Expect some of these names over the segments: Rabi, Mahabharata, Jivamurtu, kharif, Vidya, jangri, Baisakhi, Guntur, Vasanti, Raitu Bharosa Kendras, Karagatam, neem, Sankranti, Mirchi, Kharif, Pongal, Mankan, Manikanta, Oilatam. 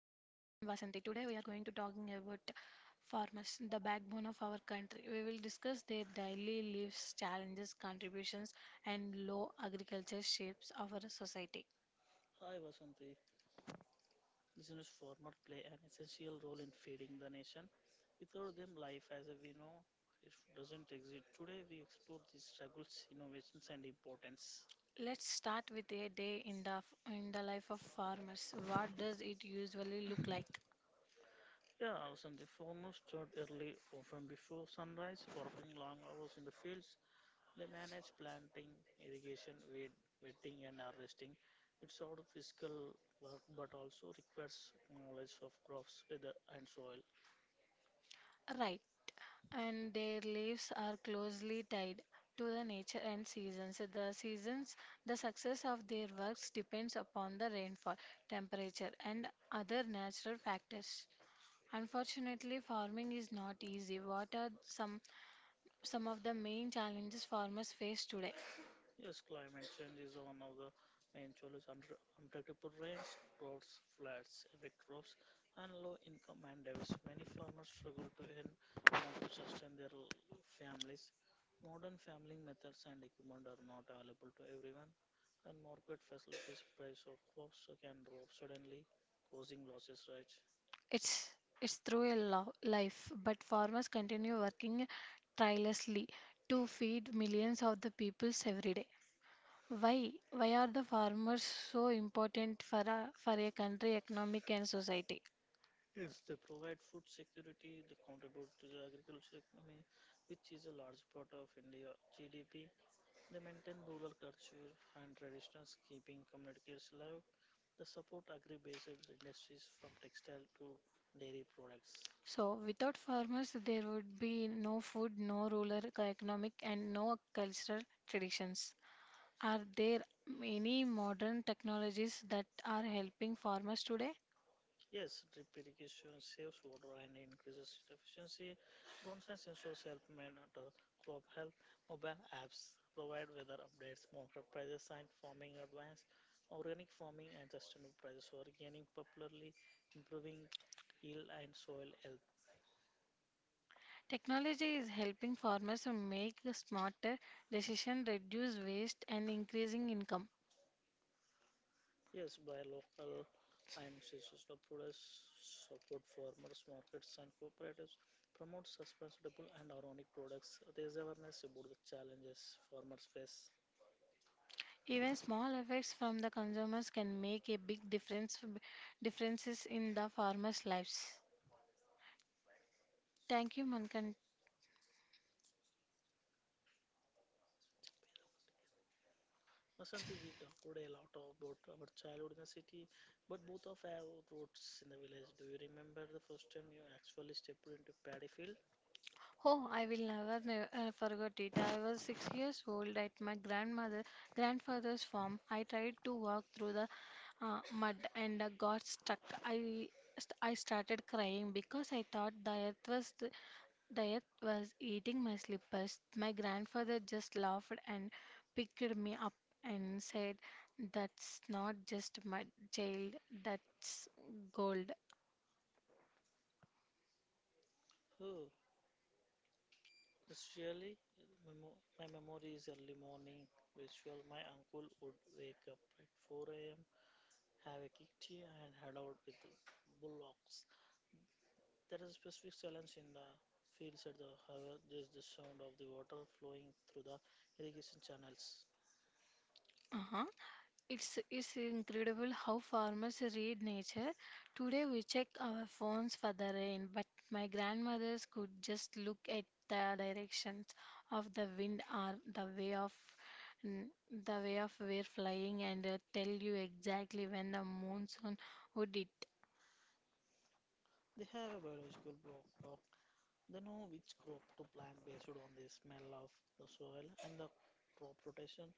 Vasanti. Today we are going to talking about farmers, the backbone of our country. We will discuss their daily lives, challenges, contributions, and low agriculture shapes our society. Hi Vasanti. Listeners, farmers play an essential role in feeding the nation. Without them, life as we know it doesn't exist. Today, we explore these struggles, innovations, and importance. Let's start with a day in the life of farmers. What does it usually look like? Yeah, Vasanti, farmers start early, often before sunrise, working long hours in the fields. They manage planting, irrigation, weed, wetting, and harvesting. It's sort of physical work, but also requires knowledge of crops, weather, and soil. Right. And their lives are closely tied to the nature and seasons. The seasons, the success of their works depends upon the rainfall, temperature, and other natural factors. Unfortunately, farming is not easy. What are some of the main challenges farmers face today? Yes, climate change is one of the main challenges. Unpredictable rains, droughts, floods affect crops and low income and diets. Many farmers struggle to earn enough to sustain their families. Modern farming methods and equipment are not available to everyone, and market facilities price of crops can drop suddenly, causing losses. Right? It's it's through a life, but farmers continue working tirelessly to feed millions of the peoples every day. Why? Why are the farmers so important for a country, economic and society? Yes, they provide food security, they contribute to the agriculture economy, which is a large part of India GDP. They maintain rural culture and traditions, keeping communities alive. They support agri-based industries from textile to dairy products. So, without farmers, there would be no food, no rural economic, and no cultural traditions. Are there many modern technologies that are helping farmers today? Yes, drip irrigation saves water and increases efficiency. Drones and sensors help monitor crop health. Mobile apps provide weather updates, market prices, and farming advice. Organic farming and sustainable prices are gaining popularly, improving yield and soil health. Technology is helping farmers to make a smarter decision, reduce waste, and increasing income. Yes, by local and seasonal produce support farmers, markets, and cooperatives. Promote sustainable and organic products. Raise awareness about the challenges farmers face. Even small effects from the consumers can make a big differences in the farmers' lives. Thank you, Mankan. Vasanti, we talked a lot about our childhood in the city, but both of have roots in the village. Do you remember the first time you actually stepped into paddy field? Oh, I will never, never, forget it. I was 6 years old at my grandmother grandfather's farm. I tried to walk through the mud and got stuck. I I started crying because I thought the earth was Dayat was eating my slippers. My grandfather just laughed and picked me up and said, "That's not just mud, child, that's gold." Oh, it's really my memory is early morning ritual. My uncle would wake up at 4 a.m., have a kick tea, and head out with the bullocks. There is a specific silence in the fields at the however, there's the sound of the water flowing through the irrigation channels. Uh-huh. It's incredible how farmers read nature. Today we check our phones for the rain, but my grandmothers could just look at the directions of the wind or the way of we're flying and tell you exactly when the monsoon would hit. They have a biological block clock. They know which crop to plant based on the smell of the soil and the crop rotation.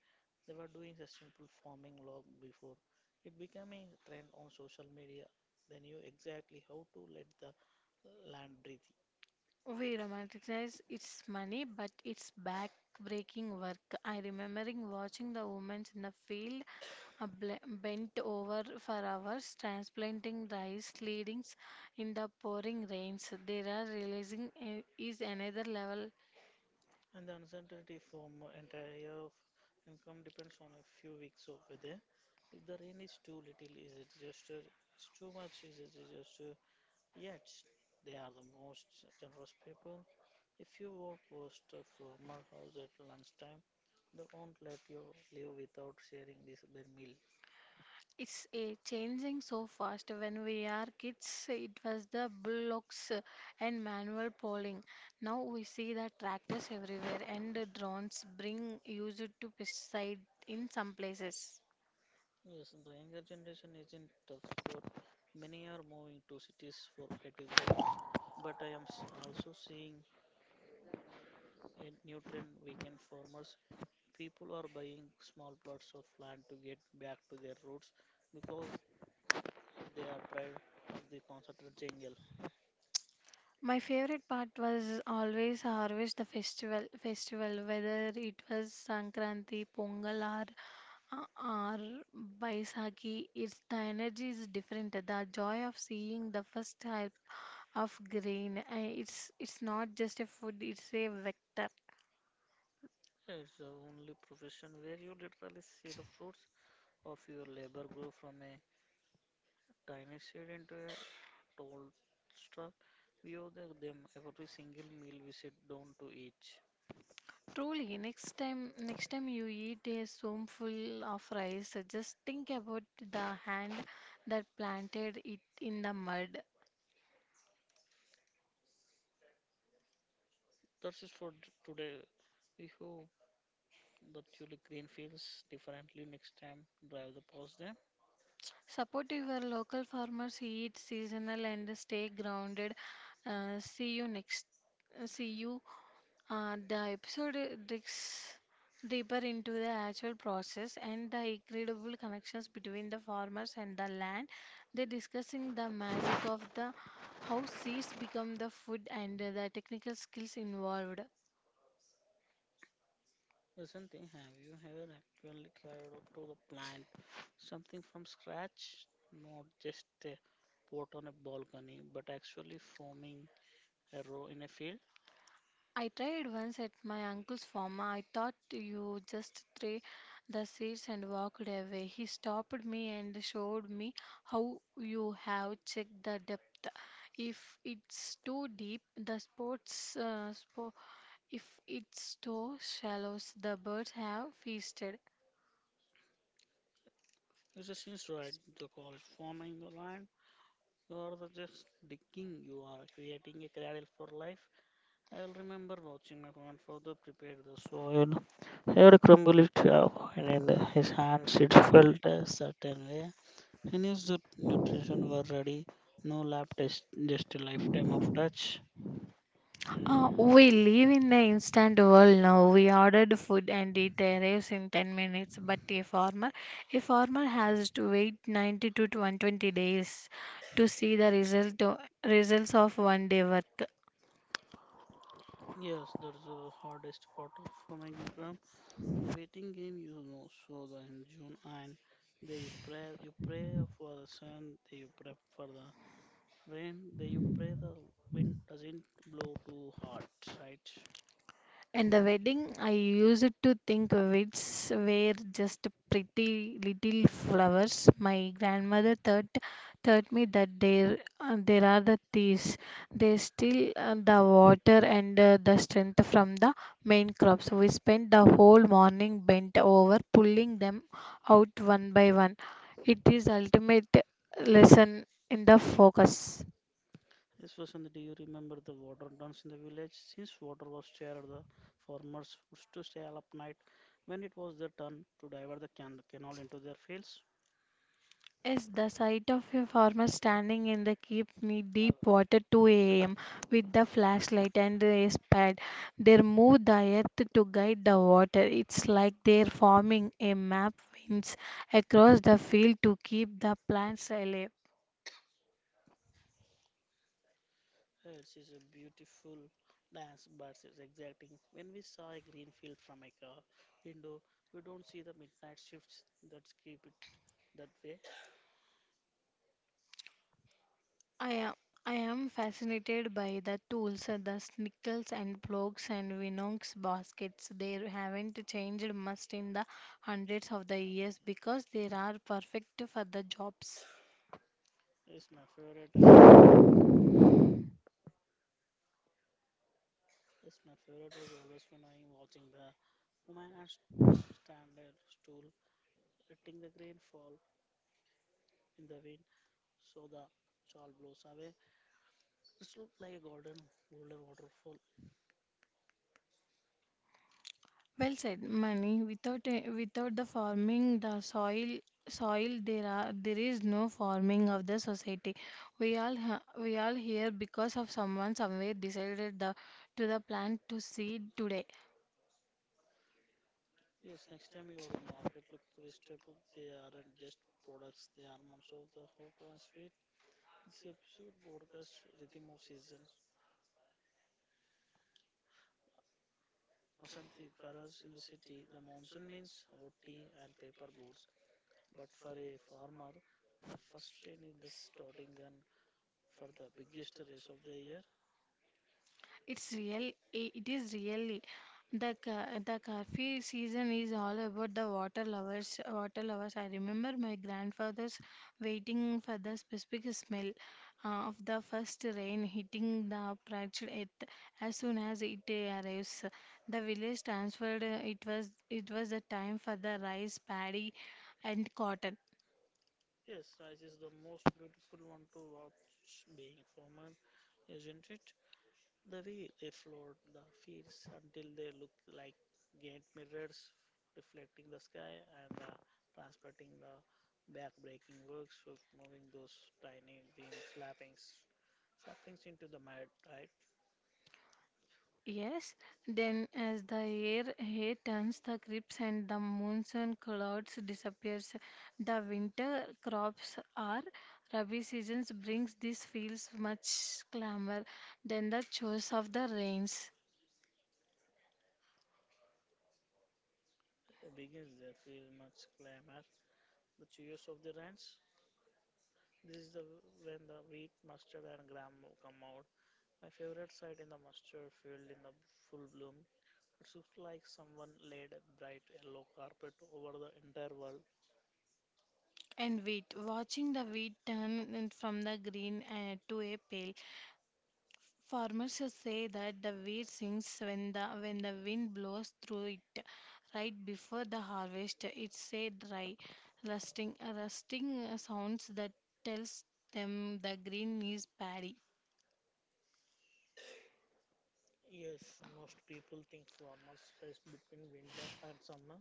They were doing sustainable farming long before it became a trend on social media. They knew exactly how to let the land breathe. We romanticize its money, but it's back breaking work. I remembering watching the women in the field bent over for hours, transplanting rice seedlings in the pouring rains. They are realizing is another level. And the uncertainty from entire year of income depends on a few weeks of weather. If the rain is too little, is a disaster? It's too much, is a disaster? Yet they are the most generous people. If you walk past a farmer house at lunchtime, they won't let you live without sharing this bare meal. It's a changing so fast. When we are kids, it was the bullocks and manual ploughing. Now we see the tractors everywhere and the drones bring used to pesticide in some places. Yes, the younger generation is in tough spot. Many are moving to cities for IT jobs, but I am also seeing a new trend weekend farmers. People are buying small plots of land to get back to their roots because they are tired of the constant jungle. My favorite part was always harvest the festival whether it was Sankranti, Pongal, or Uh, Or Baisakhi, it's the energy is different. The joy of seeing the first type of grain. It's not just a food. It's a vector. It's the only profession where you literally see the fruits of your labor grow from a dynasted into a tall struck. We owe them every single meal we sit down to eat. Truly, next time you eat a spoonful of rice, just think about the hand that planted it in the mud. That's it for today. We hope the tulip green feels differently next time. Drive the past them. Support your local farmers. Eat seasonal and stay grounded. See you next. See you. The episode digs deeper into the actual process and the incredible connections between the farmers and the land. They're discussing the magic of the how seeds become the food and the technical skills involved. Listen, thing, have you ever actually tried out to the plant something from scratch? Not just a pot on a balcony, but actually forming a row in a field. I tried once at my uncle's farm. I thought you just throw the seeds and walked away. He stopped me and showed me how you have checked the depth. If it's too deep, the sports spot if its too shallows, the birds have feasted. It's a since right the call forming the line. You are the just digging, you are creating a cradle for life. I will remember watching my grandfather prepare the soil. He would crumble it up, and in his hands it felt a certain way. He knew the nutrition were ready. No lab test, just a lifetime of touch. We live in the instant world now. We ordered food and it arrives in 10 minutes. But a farmer has to wait 90 to 120 days to see the results of one day work. Yes, that's the hardest part of making crumb. The waiting game, you know, so the in June and they you pray for the sun, they you pray for the When they you pray the wind doesn't blow too hard, right? And the wedding, I used to think weeds were just pretty little flowers. My grandmother thought taught me that there are the thieves. They steal the water and the strength from the main crops. We spent the whole morning bent over pulling them out one by one. It is ultimate lesson in the focus. Yes, Vasanthi, do you remember the water dance in the village? Since water was shared, the farmers used to stay up night when it was their turn to divert the canal into their fields. Yes, the sight of a farmer standing in the keep me deep Hello. water 2 a.m. with the flashlight and a spade. They move the earth to guide the water. It's like they're forming a map winds across the field to keep the plants alive. It is a beautiful dance, but it's exacting. When we saw a green field from a car window, we don't see the midnight shifts that keep it that way. I am I am fascinated by the tools, the snickels and plugs and Winonx baskets. They haven't changed much in the hundreds of the years because they are perfect for the jobs. It's my favorite. Yes, my favorite was always when I am watching the woman at standard stool, letting the grain fall in the wind so the shawl blows away. It looked like a golden waterfall. Well said, Mani. Without without the forming the soil there are there is no forming of the society. We all here because of someone somewhere decided the to the plant to seed today. Yes, next time you go to the market, look to vegetable. They aren't just products; they are months of the hot and sweet. This episode broadcasts rhythm of seasons. Vasanti, for us in the city, the monsoon means hot tea and paper boats, but for a farmer, the first rain is the starting gun for the biggest race of the year. It's real. It is really the the coffee season is all about the water lovers. Water lovers. I remember my grandfather's waiting for the specific smell of the first rain hitting the parched earth as soon as it arrives. The village transferred. It was the time for the rice, paddy, and cotton. Yes, race is the most beautiful one to watch being formed, isn't it? The way they float the fields until they look like giant mirrors reflecting the sky and transporting the back-breaking works of moving those tiny green slappings saplings into the mud, right? Yes, then as the air here turns the crisp and the monsoon clouds disappears, the winter crops are Rabi seasons brings these fields much clamor than the chores of the rains. Begins they feel much clamor. The cheers of the ranch. This is the when the wheat, mustard, and gram come out. My favorite sight in the mustard field in the full bloom. It looks like someone laid a bright yellow carpet over the entire world. And wheat, watching the wheat turn in from the green to a pale. Farmers should say that the wheat sings when the wind blows through it right before the harvest. It's a dry, rusting sounds that tells them the green is paddy. Yes, most people think farmers rest between winter and summer,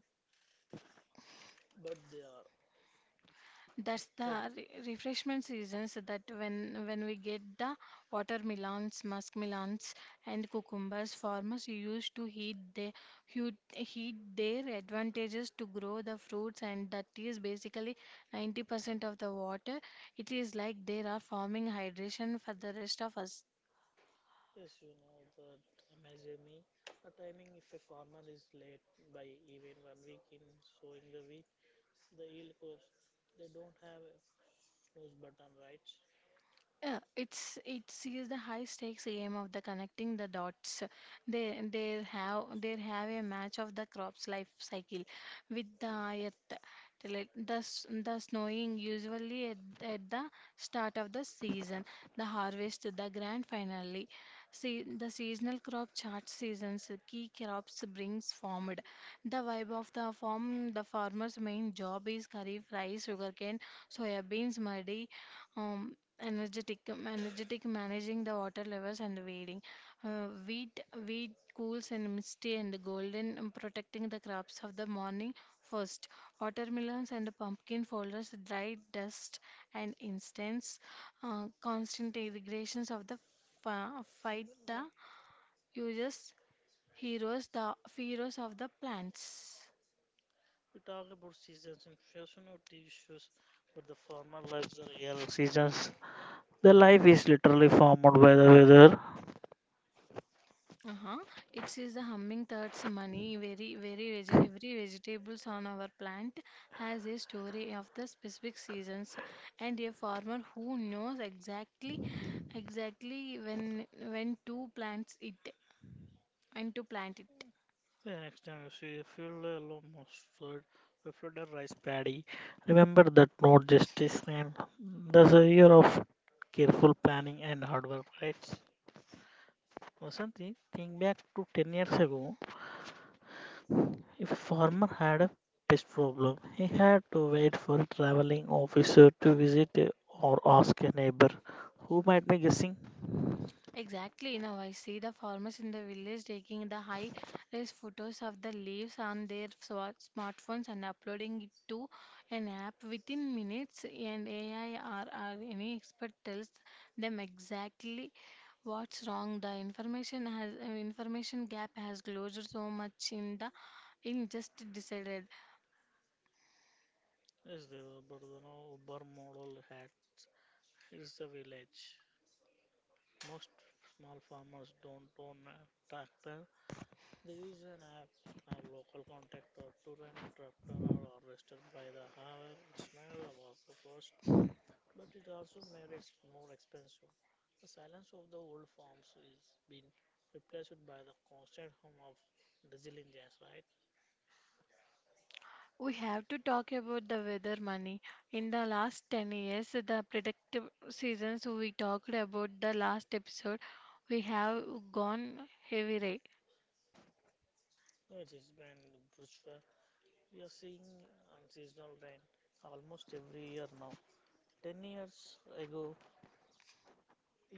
but they are. That's That, the refreshment seasons that when we get the watermelons, muskmelons, and cucumbers, farmers used to heat their heat, their advantages to grow the fruits, and that is basically 90% of the water. It is like there are farming hydration for the rest of us. yes, you know, the MSME. The timing if a farmer is late by even 1 week in sowing the wheat, the yield crops, they don't have a snooze button, right? Yeah, it sees the high stakes game of the connecting the dots. They have a match of the crop's life cycle with the earth. The the snowing usually at the start of the season, the harvest, the grand finale. See the seasonal crop chart seasons key crops brings formed. The vibe of the farmer's main job is kharif rice, sugarcane, soya beans, muddy. um, energetic energetic managing the water levels and the wading uh, wheat wheat cools and misty and golden protecting the crops of the morning first watermelons and pumpkin folders dried dust and instance constant irrigations of the phyta uses heroes the heroes of the plants. We talk about seasons in fashion or TV shows, but the former lives are real seasons. The life is literally formed by the weather. Uh-huh. It is the hummingbirds' money. Very, very veg every vegetables on our plant has a story of the specific seasons, and a farmer who knows exactly when to plants it and to plant it. The next time you see a field yellow mustard or flooded rice paddy, remember that not just is rain. There's a year of careful planning and hard work, right? Vasanti, think back to 10 years ago. If a farmer had a pest problem, he had to wait for a traveling officer to visit or ask a neighbor who might be guessing. Exactly. Now I see the farmers in the village taking the high res photos of the leaves on their smartphones and uploading it to an app within minutes. And AI or any expert tells them exactly what's wrong. The information gap has closed so much in the in just decided. Yes, there were, but you know, Uber model had it's the village. Most small farmers don't own a tractor. They use an app or local contact or to rent tractor or are harvester by the hour. It's made the workforce but it also made it more expensive. The silence of the old farms is being replaced by the constant hum of diesel engines, right? We have to talk about the weather money. In the last 10 years, the predictive seasons we talked about the last episode, we have gone heavy rain. Well, it has been brutal. We are seeing unseasonal rain almost every year now. 10 years ago,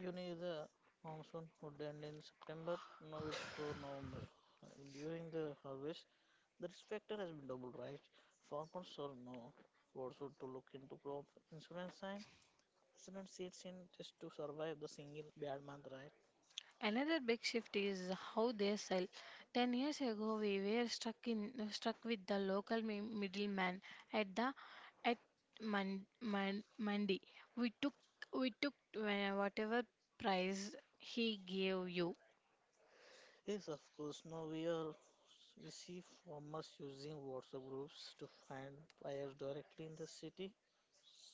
you knew the monsoon would end in September. Now it's for November. During the harvest, the risk factor has been doubled, right? Farmers are now forced to look into crop insurance Cement sits in just to survive the single bad month, right? Another big shift is how they sell. 10 years ago, we were stuck with the local middleman at the at Monday. We took we took whatever price he gave you. Yes, of course. Now we are we see farmers using WhatsApp groups to find buyers directly in the city.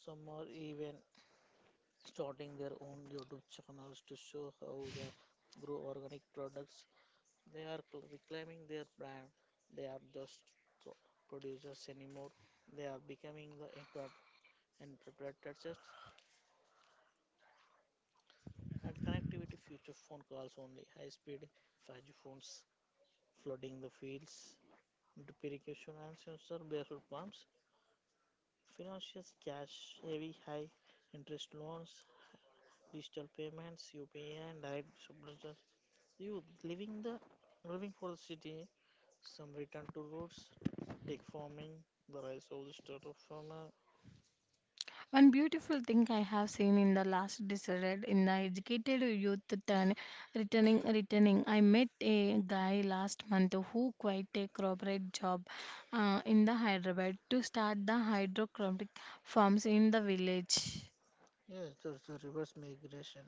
Some are even starting their own YouTube channels to show how they grow organic products. They are reclaiming their brand. They are just pro- producers anymore. They are becoming the internet interpreters and connectivity future phone calls only high speed 5G phones flooding the fields, drip irrigation and sensor based pumps, financiers cash heavy high interest loans, digital payments, UPI and high subsidies. Youth living for the city, some return to roots, tech farming, the rise of the startup farmer. One beautiful thing I have seen in the last decade in the educated youth turn returning. I met a guy last month who quit a corporate job in the Hyderabad to start the hydroponic farms in the village. Yes, there's a reverse migration.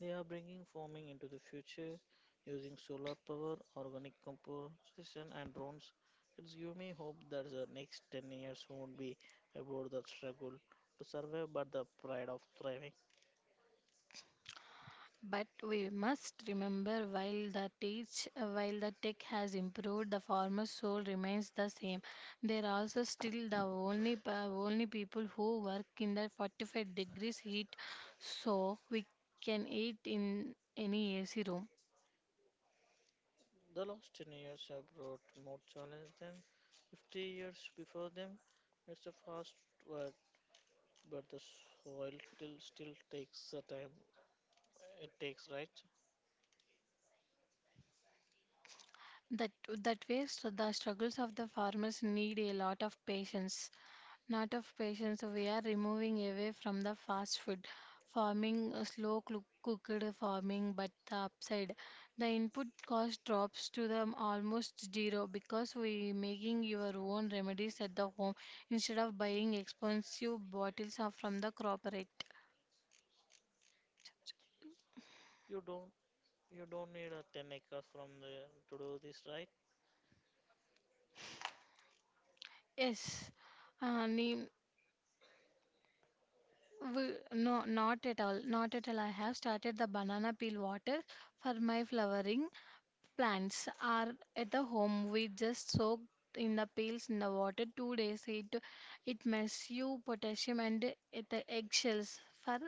They are bringing farming into the future using solar power, organic composition, and drones. It's give me hope that the next 10 years won't be about the struggle to survive but the pride of thriving. But we must remember while the tech has improved, the farmer's soul remains the same. They are also still the only only people who work in the 45 degrees heat, so we can eat in any AC room. The last 10 years have brought more challenge than 50 years before them. It's a fast work, but the soil still takes the time it takes, right? That that way, so the struggles of the farmers need a lot of patience. Not of patience, we are removing away from the fast food farming, slow cooked farming, but the upside, the input cost drops to the almost zero because we making your own remedies at the home instead of buying expensive bottles from the corporate. You don't You don't need a 10 acres from the to do this, right? Yes, uh, neem- we, no, not at all. Not at all. I have started the banana peel water for my flowering plants are at the home we just soak in the peels in the water 2 days it it makes you potassium and the eggshells for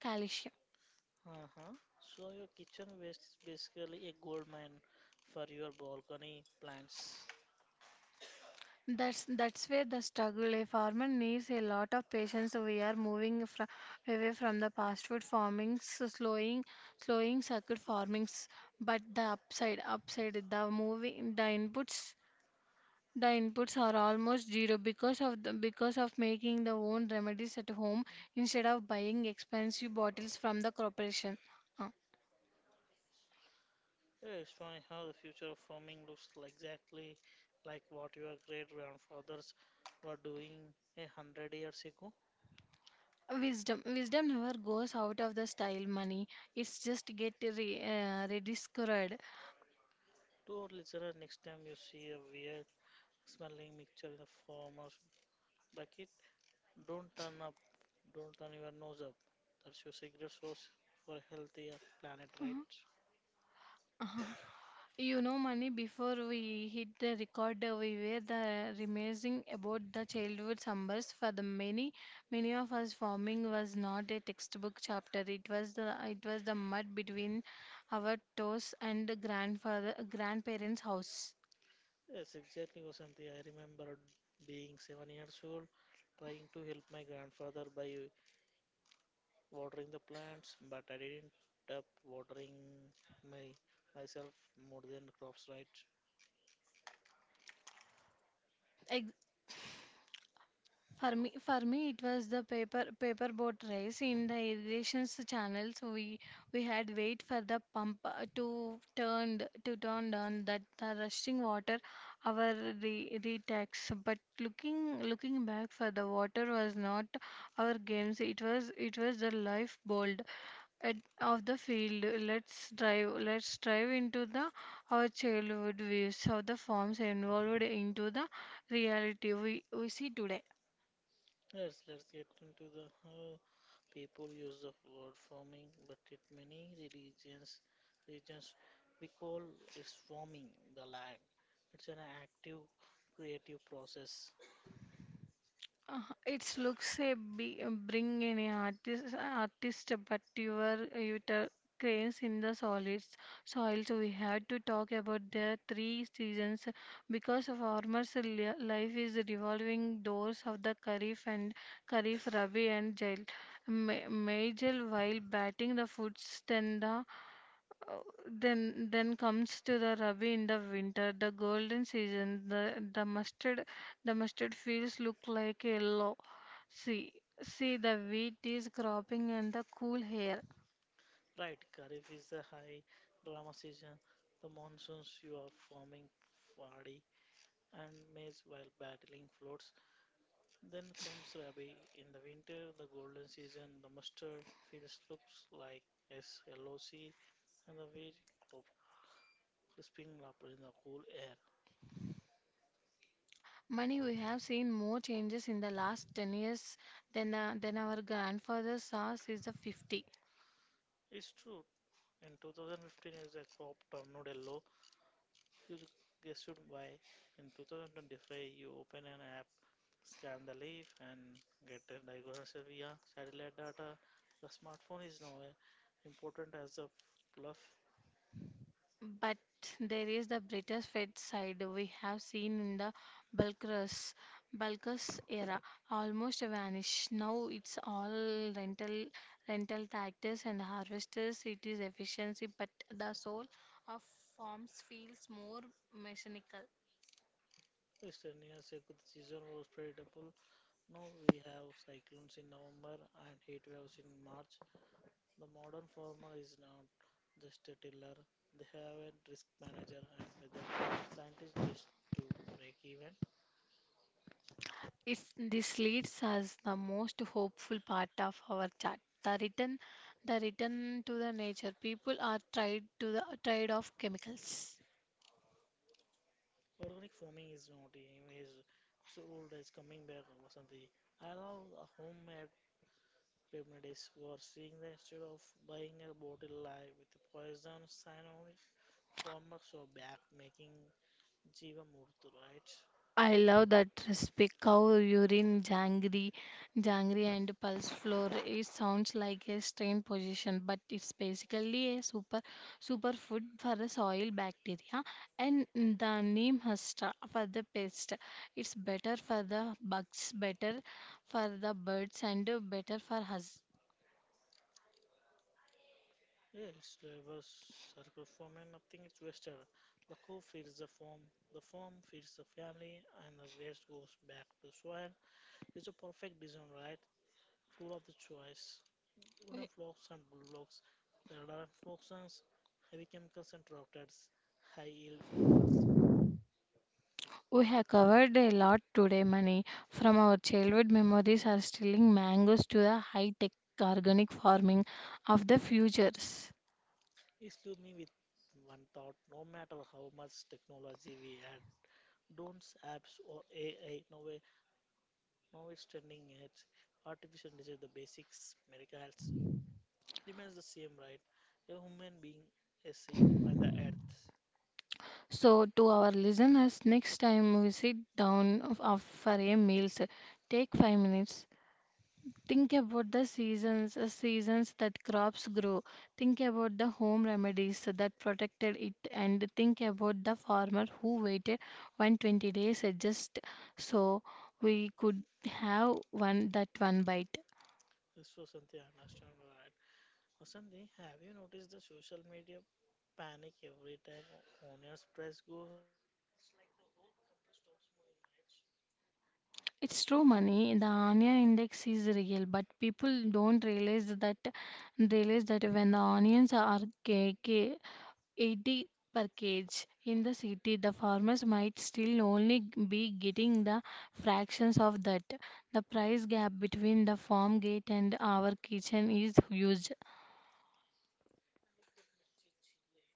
calcium. Uh-huh. So your kitchen waste is basically a gold mine for your balcony plants. That's where the struggle a farmer needs a lot of patience we are moving from away from the fast food farming slowing circuit farmings but the upside upside the moving the inputs. The inputs are almost zero because of because of making the own remedies at home instead of buying expensive bottles from the corporation. Uh, Yeah, it's funny how the future of farming looks like exactly like what your great grandfathers were doing 100 years ago. wisdom wisdom never goes out of the style. Money it's just get rediscovered. To our listener, next time you see a weird smelling mixture in the farmer's bucket, don't turn up, don't turn your nose up. That's your secret source for a healthier planet, right? You know, Mani, before we hit the record, we were the reminiscing about the childhood summers. For the many of us, farming was not a textbook chapter. It was the mud between our toes and the grandfather grandparents' house. Yes, exactly, Vasanti. I remember being 7 years old, trying to help my grandfather by watering the plants, but I didn't up watering my myself more than crops, right? For me, it was the paper boat race in the irrigations channel. So we had wait for the pump to turn on that the rushing water, our re retax. But looking back, for the water was not our games. It was the lifeblood at, of the field. Let's drive into the our childhood views of the forms involved into the reality we see today. Yes, let's get into the how people use the word farming, but in many regions, we call it farming the land. It's an active, creative process. Uh, it looks a bring in a artist but your cranes in the solids soils we had to talk about the three seasons because farmers life is revolving doors of the kharif rabi and jail ma- major while batting the foots then the uh, then comes to the Rabi in the winter, the golden season. The mustard, the mustard fields look like yellow. See, see, the wheat is cropping and the cool air. Right, Kharif is the high drama season. The monsoons you are forming paddy and maize while battling floods. Then comes Rabi. In the winter, the golden season, the mustard fields looks like SLOC and the wheat crop crisping up in the cool air. Money, we have seen more changes in the last 10 years than than our grandfather saw since the 50. It's true. In 2015, as a crop turned yellow. You guessed why. In 2025, you open an app scan the leaf and get a diagnosis via satellite data. The smartphone is now important as a bluff. But there is the British Fed side we have seen in the Bulkers, Bulkers era almost vanish. Now it's all rental, rental tractors and harvesters. It is efficiency, but the soul of farms feels more mechanical. Just 10 years ago, the season was predictable. Now we have cyclones in November and heat waves in March. The modern farmer is not just a tiller, they have a risk manager and weather scientist just to break even. If this leads us the most hopeful part of our chat. The return to the nature. People are tied to the tired of chemicals. Organic farming is not an image, it's old, it's coming back, Vasanti. I love the homemade remedies were seeing that instead of buying a bottle live with a poison sign on it, farmers were back making Jiva Jivamurtu, right? I love that respect cow urine jangri and pulse floor. It sounds like a strange position, but it's basically a super food for the soil bacteria and the neem hasta for the pest. It's better for the bugs, better for the birds and better for us. Yeah, it's a circle form and nothing is wasted. The cow feeds the farm feeds the family, and the waste goes back to soil. It's a perfect design, right? Tool of the choice. Wooden flocks and bullocks, radar fluorescence, heavy chemicals and rockets, high yield focus. We have covered a lot today, Mani. From our childhood memories are stealing mangoes to the high-tech organic farming of the futures. It to me with one thought no matter how much technology we add, drones, apps, or AI, no way standing edge, artificial intelligence, the basics, miracles remains the same, right? A human being, a seed on the earth. So, to our listeners, next time we sit down for a meal, take 5 minutes. Think about the seasons that crops grow. Think about the home remedies that protected it, and think about the farmer who waited 120 days just so we could have one bite. This was something I understand, right? Asanti, have you noticed the social media panic every time onions price go up? It's like the whole country stops moving, right? It's true money. The onion index is real, but people don't realize that when the onions are cake 80 per cage. In the city, the farmers might still only be getting the fractions of that. The price gap between the farm gate and our kitchen is huge. And look at Mirchi chili,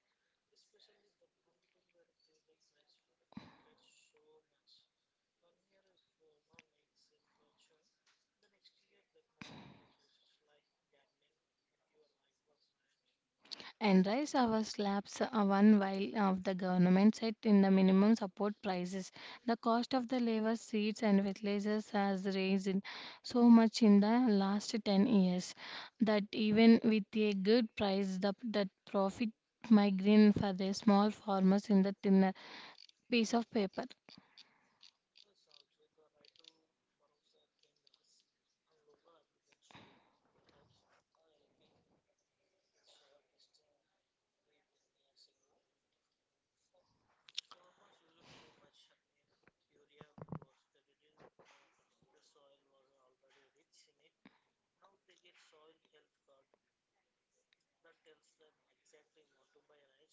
especially the Guntur where it is the price fluctuates so much. One year a farmer makes a fortune, the next year that market crashes. It's like gambling with your life works, right? And rice hour slabs are one while of the government set in the minimum support prices. The cost of the labor seeds, and fertilizers has raised in so much in the last 10 years that even with a good price, that profit migraine for the small farmers in the thinner piece of paper. Yes, also the Raitu Bharosa Kendras and local agriculture hubs are helping with soil testing three ten years ago. For farmers used too much urea because they didn't know the soil was already rich in it. Now they get soil health card that tells them exactly what to buy right.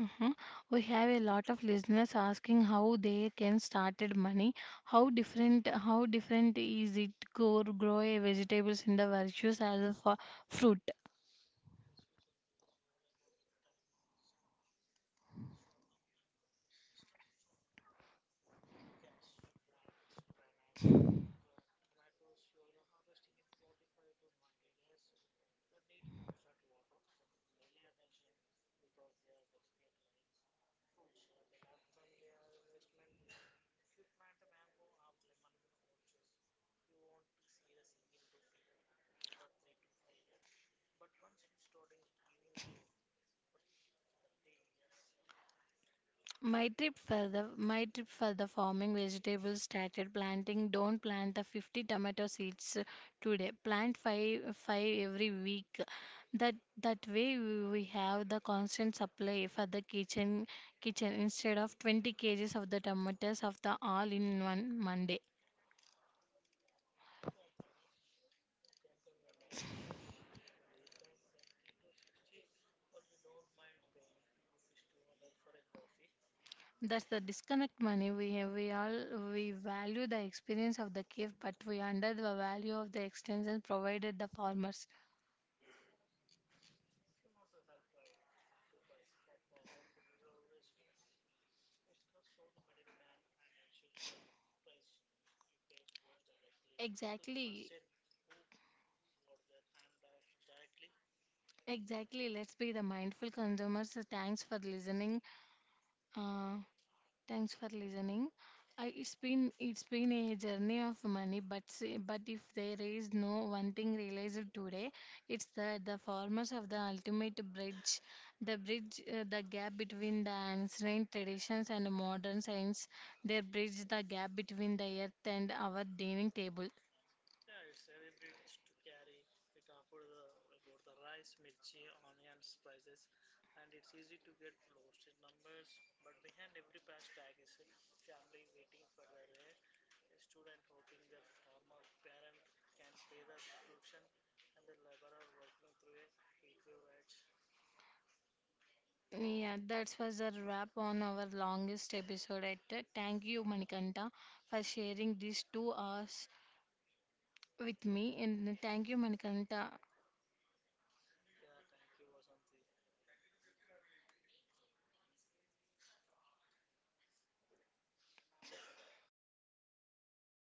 Mhm. We have a lot of listeners asking how they can started money. How different is it? Grow a vegetables in the virtues as a fruit. Yes, Susanti is all about the time horizon, short term and long term. Vegetables are the key cash. You plant spinach, okra, tomatoes. You are the harvesting in 45 to 90 days. They need constant water and daily attention because they are delicate, right? Fruit. So the long term they are the investment. If you plant a mango or lemon orchard, you want to see the single rupee for 3 to 5 years. But once we starting giving the for 30 years, My tip for the farming vegetables started planting. Don't plant the 50 tomato seeds today. Plant five every week. That that way we have the constant supply for the kitchen instead of 20 kg kgs of the tomatoes of the all in one Monday. we complain the ons- we complain when the onions go from 20 to 60, but we don't mind paying two rupees 200 for a coffee. That's the disconnect money. We all we value the experience of the cave, but we under the value of the extensions provided the farmers. If you want to help try to buy for former producer organizations, it cuts through the middleman and ensures the price you paid goes directly to the Exactly. person who who got their hands directly. Exactly. Let's be the mindful consumers. So thanks for listening. Uh, Thanks for listening. I, it's been a journey of money, but but if there is no one thing realized today, it's that the farmers of the ultimate bridge, the gap between the ancient traditions and modern science. They bridge the gap between the earth and our dining table. Yeah, it's heavy bridge to carry. We talked about the rice, mirchi, onions prices, and it's easy to get lost in numbers. But behind every price tag is a family waiting for the rain. A student hoping their former parent can pay their tuition and the laborer working through a heat wave rage. Yeah, that was a wrap on our longest episode. At Thank you, Manikanta, for sharing these 2 hours with me. And thank you, Manikanta, Yeah, thank you, Vasanti.